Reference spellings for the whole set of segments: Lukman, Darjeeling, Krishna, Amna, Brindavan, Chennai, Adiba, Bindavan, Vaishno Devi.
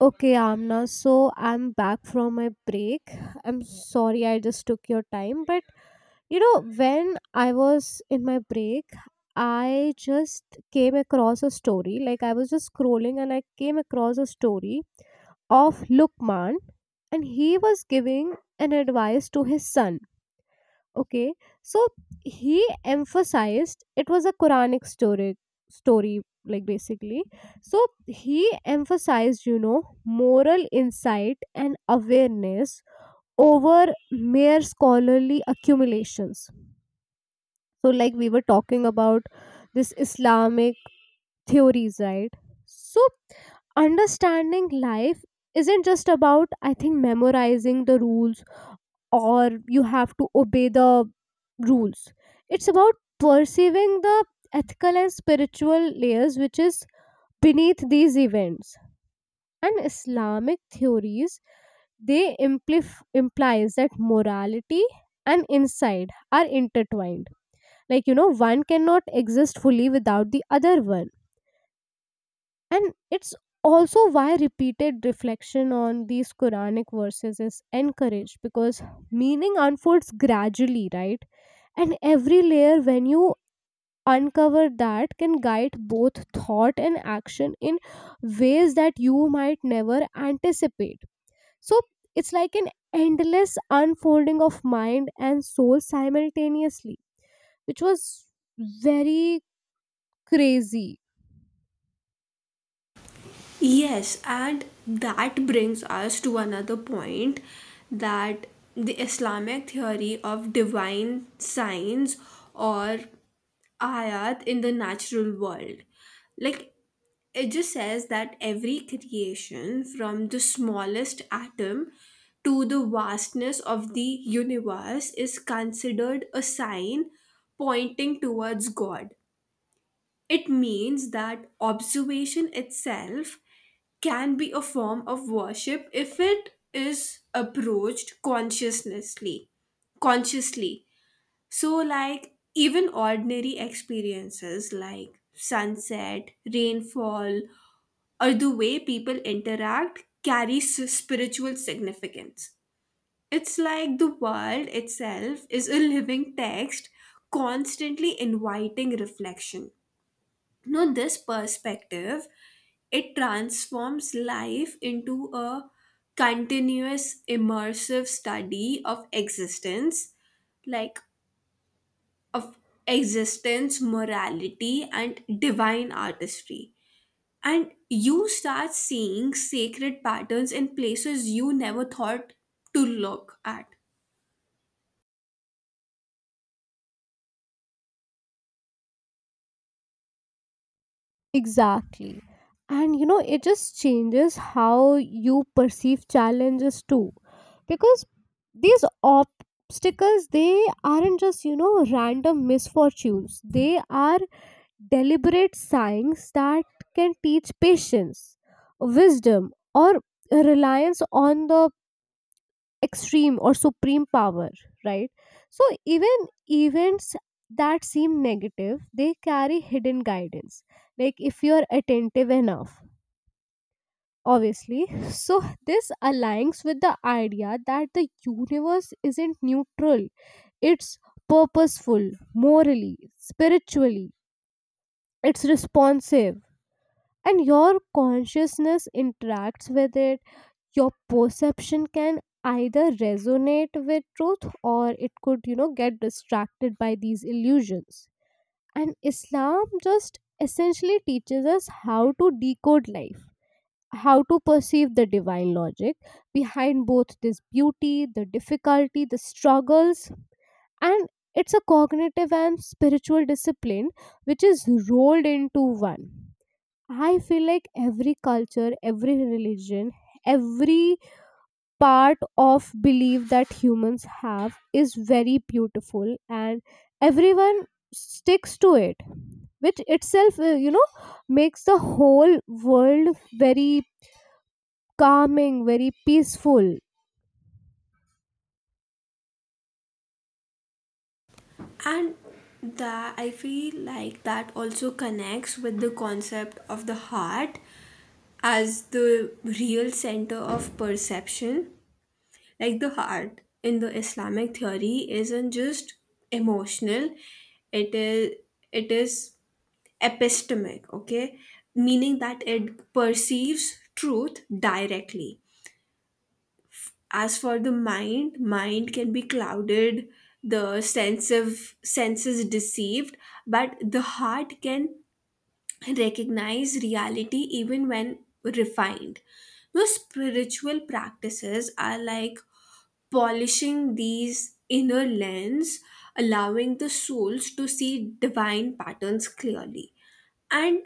Okay, Amna. So I'm back from my break. I'm sorry I just took your time, but you know, when I was in my break, I just came across a story. Like I was just scrolling and I came across a story of Lukman, and he was giving an advice to his son. Okay, so he emphasized it was a Quranic story, story like basically. So he emphasized, you know, moral insight and awareness over mere scholarly accumulations. So, like we were talking about this Islamic theories, right? So, understanding life isn't just about, I think, memorizing the rules or you have to obey the rules. It's about perceiving the ethical and spiritual layers which is beneath these events. And Islamic theories they implies that morality and insight are intertwined. Like you know, one cannot exist fully without the other one. And it's also why repeated reflection on these Quranic verses is encouraged because meaning unfolds gradually, right? And every layer, when you uncover that, can guide both thought and action in ways that you might never anticipate. So it's like an endless unfolding of mind and soul simultaneously, which was very crazy. Yes, and that brings us to another point that the Islamic theory of divine signs or ayat in the natural world. Like, it just says that every creation, from the smallest atom to the vastness of the universe, is considered a sign pointing towards God. It means that observation itself can be a form of worship if it is approached consciously. Consciously. So like even ordinary experiences like sunset, rainfall, or the way people interact carry spiritual significance. It's like the world itself is a living text constantly inviting reflection. Now, this perspective it transforms life into a continuous immersive study of existence, like of existence, morality, and divine artistry. And you start seeing sacred patterns in places you never thought to look at. Exactly. And you know, it just changes how you perceive challenges too. Because these obstacles, they aren't just, you know, random misfortunes, they are deliberate signs that can teach patience, wisdom, or reliance on the extreme or supreme power, right? So even events that seem negative, they carry hidden guidance, like if you're attentive enough. Obviously, so this aligns with the idea that the universe isn't neutral, it's purposeful morally spiritually, it's responsive, and your consciousness interacts with it. Your perception can either resonate with truth or it could, you know, get distracted by these illusions. And Islam just essentially teaches us how to decode life, how to perceive the divine logic behind both this beauty, the difficulty, the struggles. And it's a cognitive and spiritual discipline which is rolled into one. I feel like every culture, every religion, every part of belief that humans have is very beautiful, and everyone sticks to it, which itself you know, makes the whole world very calming, very peaceful. And that I feel like that also connects with the concept of the heart as the real center of perception. Like the heart in the Islamic theory isn't just emotional, it is it is epistemic, okay? Meaning that it perceives truth directly. As for the mind, can be clouded, the sense of senses deceived, but the heart can recognize reality even when refined. Those spiritual practices are like polishing these inner lens, allowing the souls to see divine patterns clearly. And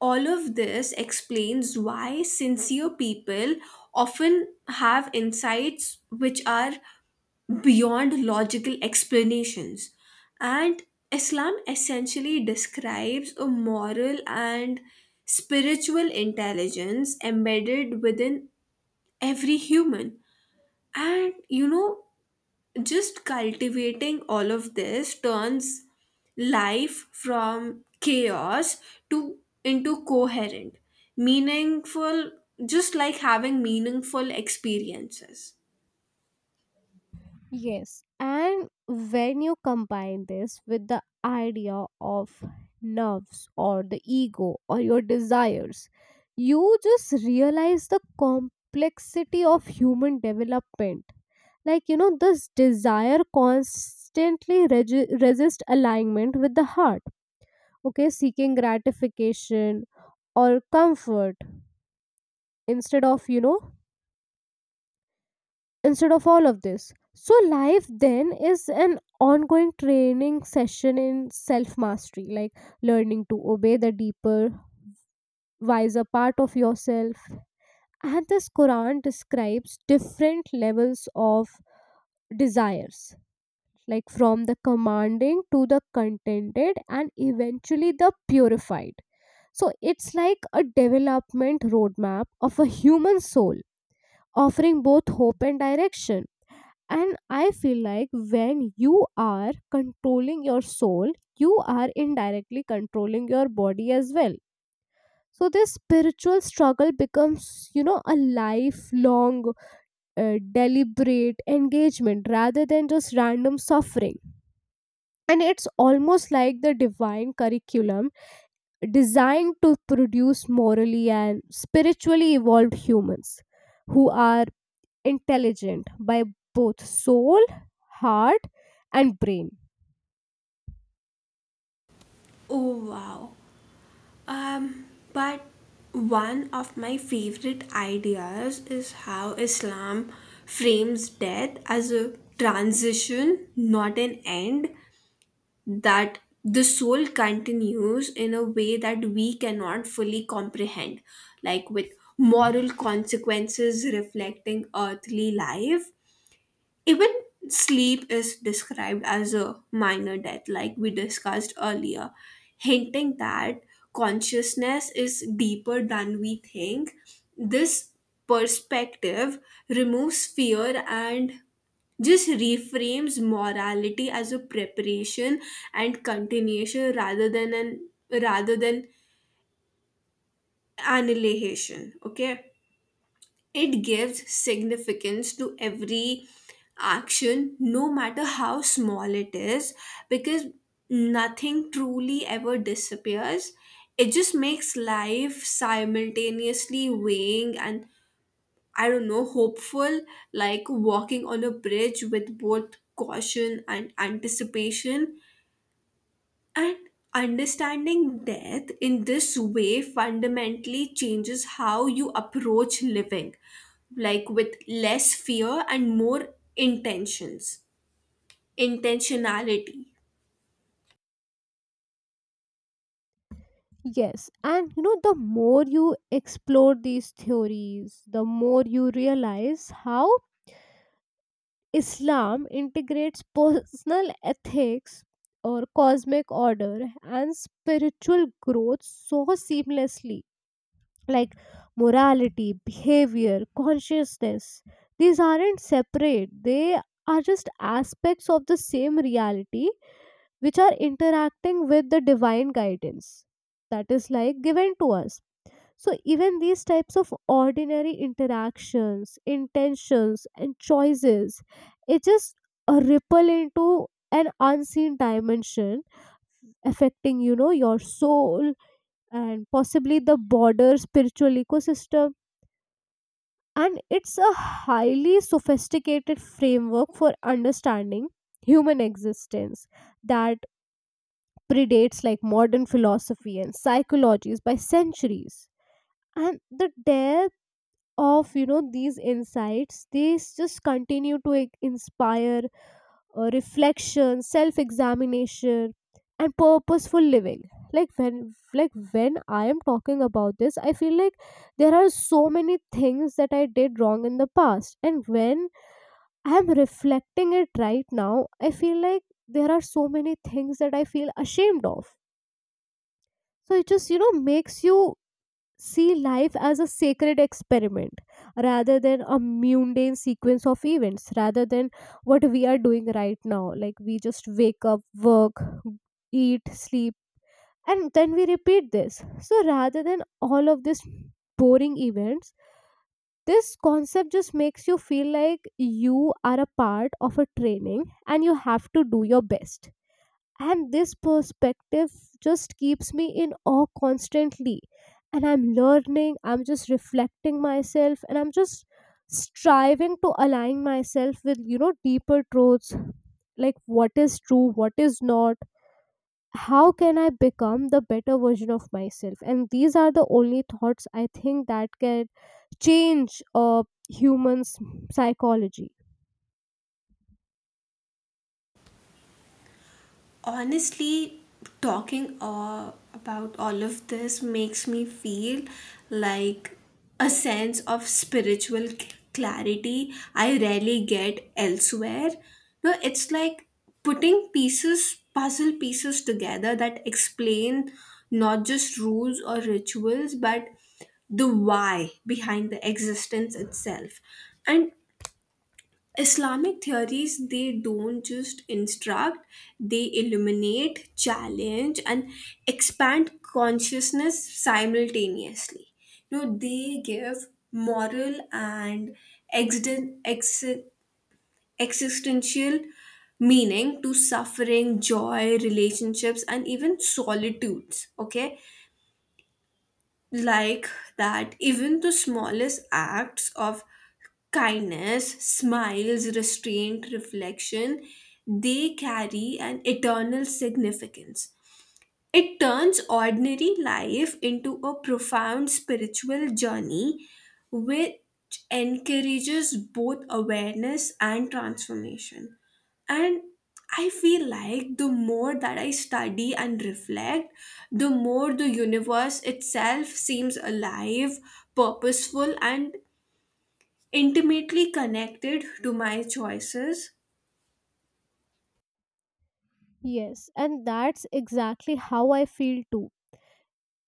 all of this explains why sincere people often have insights which are beyond logical explanations. And Islam essentially describes a moral and spiritual intelligence embedded within every human. And you know, just cultivating all of this turns life from chaos to into coherent, meaningful, just like having meaningful experiences. Yes, and when you combine this with the idea of nerves or the ego or your desires, you just realize the complexity of human development. Like, you know, this desire constantly resist alignment with the heart, okay, seeking gratification or comfort instead of, you know, instead of all of this. So, life then is an ongoing training session in self mastery, like learning to obey the deeper, wiser part of yourself. And this Quran describes different levels of desires, like from the commanding to the contented and eventually the purified. So, it's like a development roadmap of a human soul, offering both hope and direction. And I feel like when you are controlling your soul, you are indirectly controlling your body as well. So this spiritual struggle becomes, you know, a lifelong, deliberate engagement rather than just random suffering. And it's almost like the divine curriculum designed to produce morally and spiritually evolved humans who are intelligent by both soul, heart, and brain. Oh wow. um but one of my favorite ideas is how Islam frames death as a transition, not an end, that the soul continues in a way that we cannot fully comprehend, like with moral consequences reflecting earthly life. Even sleep is described as a minor death, like we discussed earlier, hinting that consciousness is deeper than we think. This perspective removes fear and just reframes morality as a preparation and continuation rather than annihilation, okay. It gives significance to every action, no matter how small it is, because nothing truly ever disappears. It just makes life simultaneously weighing and, I don't know, hopeful, like walking on a bridge with both caution and anticipation. And understanding death in this way fundamentally changes how you approach living, like with less fear and more intentionality. Yes, and you know, the more you explore these theories, the more you realize how Islam integrates personal ethics or cosmic order and spiritual growth so seamlessly. Like morality, behavior, consciousness, these aren't separate, they are just aspects of the same reality which are interacting with the divine guidance that is like given to us. So even these types of ordinary interactions, intentions, and choices, it just a ripple into an unseen dimension, affecting, you know, your soul and possibly the broader spiritual ecosystem. And it's a highly sophisticated framework for understanding human existence that predates like modern philosophy and psychologies by centuries. And the depth of, you know, these insights, they just continue to, like, inspire reflection, self examination, and purposeful living. Like when like when I am talking about this, I feel like there are so many things that I did wrong in the past, and when I am reflecting it right now, I feel like there are so many things that I feel ashamed of. So it just, you know, makes you see life as a sacred experiment rather than a mundane sequence of events, rather than what we are doing right now, like we just wake up, work, eat, sleep, and then we repeat this. So rather than all of these boring events, this concept just makes you feel like you are a part of a training and you have to do your best. And this perspective just keeps me in awe constantly, and I'm learning, I'm just reflecting myself, and I'm just striving to align myself with, you know, deeper truths, like what is true, what is not, how can I become the better version of myself. And these are the only thoughts I think that can change humans' psychology. Honestly, talking about all of this makes me feel like a sense of spiritual clarity I rarely get elsewhere. No, it's like putting pieces puzzle pieces together that explain not just rules or rituals but the why behind the existence itself. And Islamic theories, they don't just instruct, they illuminate, challenge, and expand consciousness simultaneously. You know, they give moral and existen- ex- existential meaning to suffering, joy, relationships, and even solitudes. Okay, like that even the smallest acts of kindness, smiles, restraint, reflection, they carry an eternal significance. It turns ordinary life into a profound spiritual journey, which encourages both awareness and transformation. And I feel like the more that I study and reflect, the more the universe itself seems alive, purposeful, and intimately connected to my choices. Yes, and that's exactly how I feel too.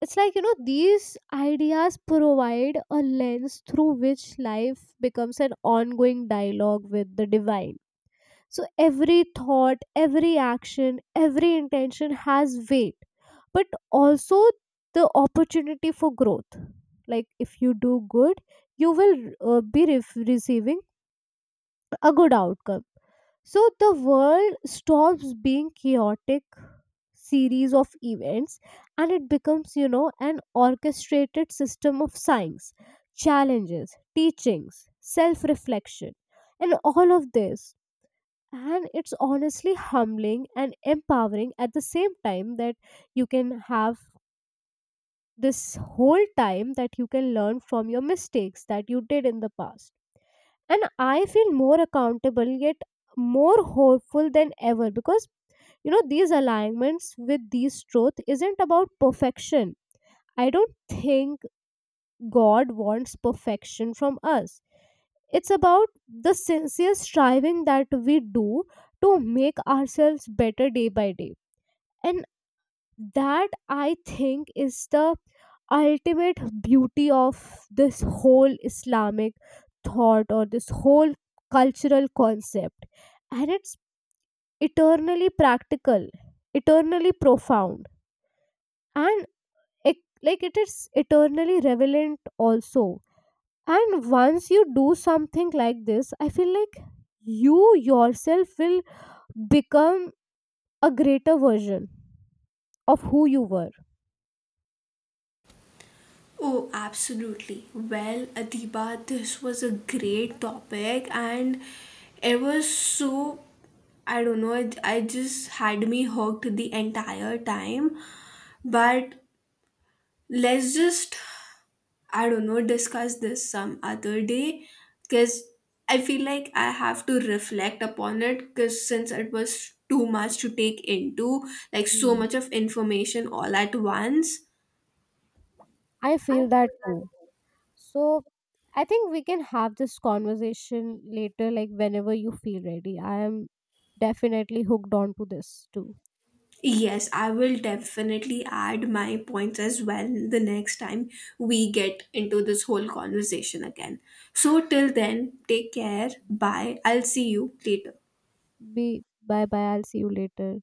It's like, you know, these ideas provide a lens through which life becomes an ongoing dialogue with the divine. So every thought, every action, every intention has weight, but also the opportunity for growth. Like if you do good, you will receiving a good outcome. So the world stops being chaotic series of events and it becomes, you know, an orchestrated system of science, challenges, teachings, self reflection, and all of this. And it's honestly humbling and empowering at the same time that you can have this whole time that you can learn from your mistakes that you did in the past. And I feel more accountable yet more hopeful than ever because, you know, these alignments with these truth isn't about perfection. I don't think God wants perfection from us. It's about the sincere striving that we do to make ourselves better day by day. And that, I think, is the ultimate beauty of this whole Islamic thought or this whole cultural concept. And it's eternally practical, eternally profound, and it, like it is eternally relevant also. And once you do something like this, I feel like you yourself will become a greater version of who you were. Oh, absolutely. Well, Adiba, this was a great topic, and it was so, I don't know, I just had me hooked the entire time. But let's just, I don't know, discuss this some other day because I feel like I have to reflect upon it, because since it was too much to take into, like so Hmm. much of information all at once. I feel that too. So I think we can have this conversation later, like whenever you feel ready. I am definitely hooked on to this too. Yes, I will definitely add my points as well the next time we get into this whole conversation again. So, till then, take care. Bye. I'll see you later. Be Bye bye. I'll see you later.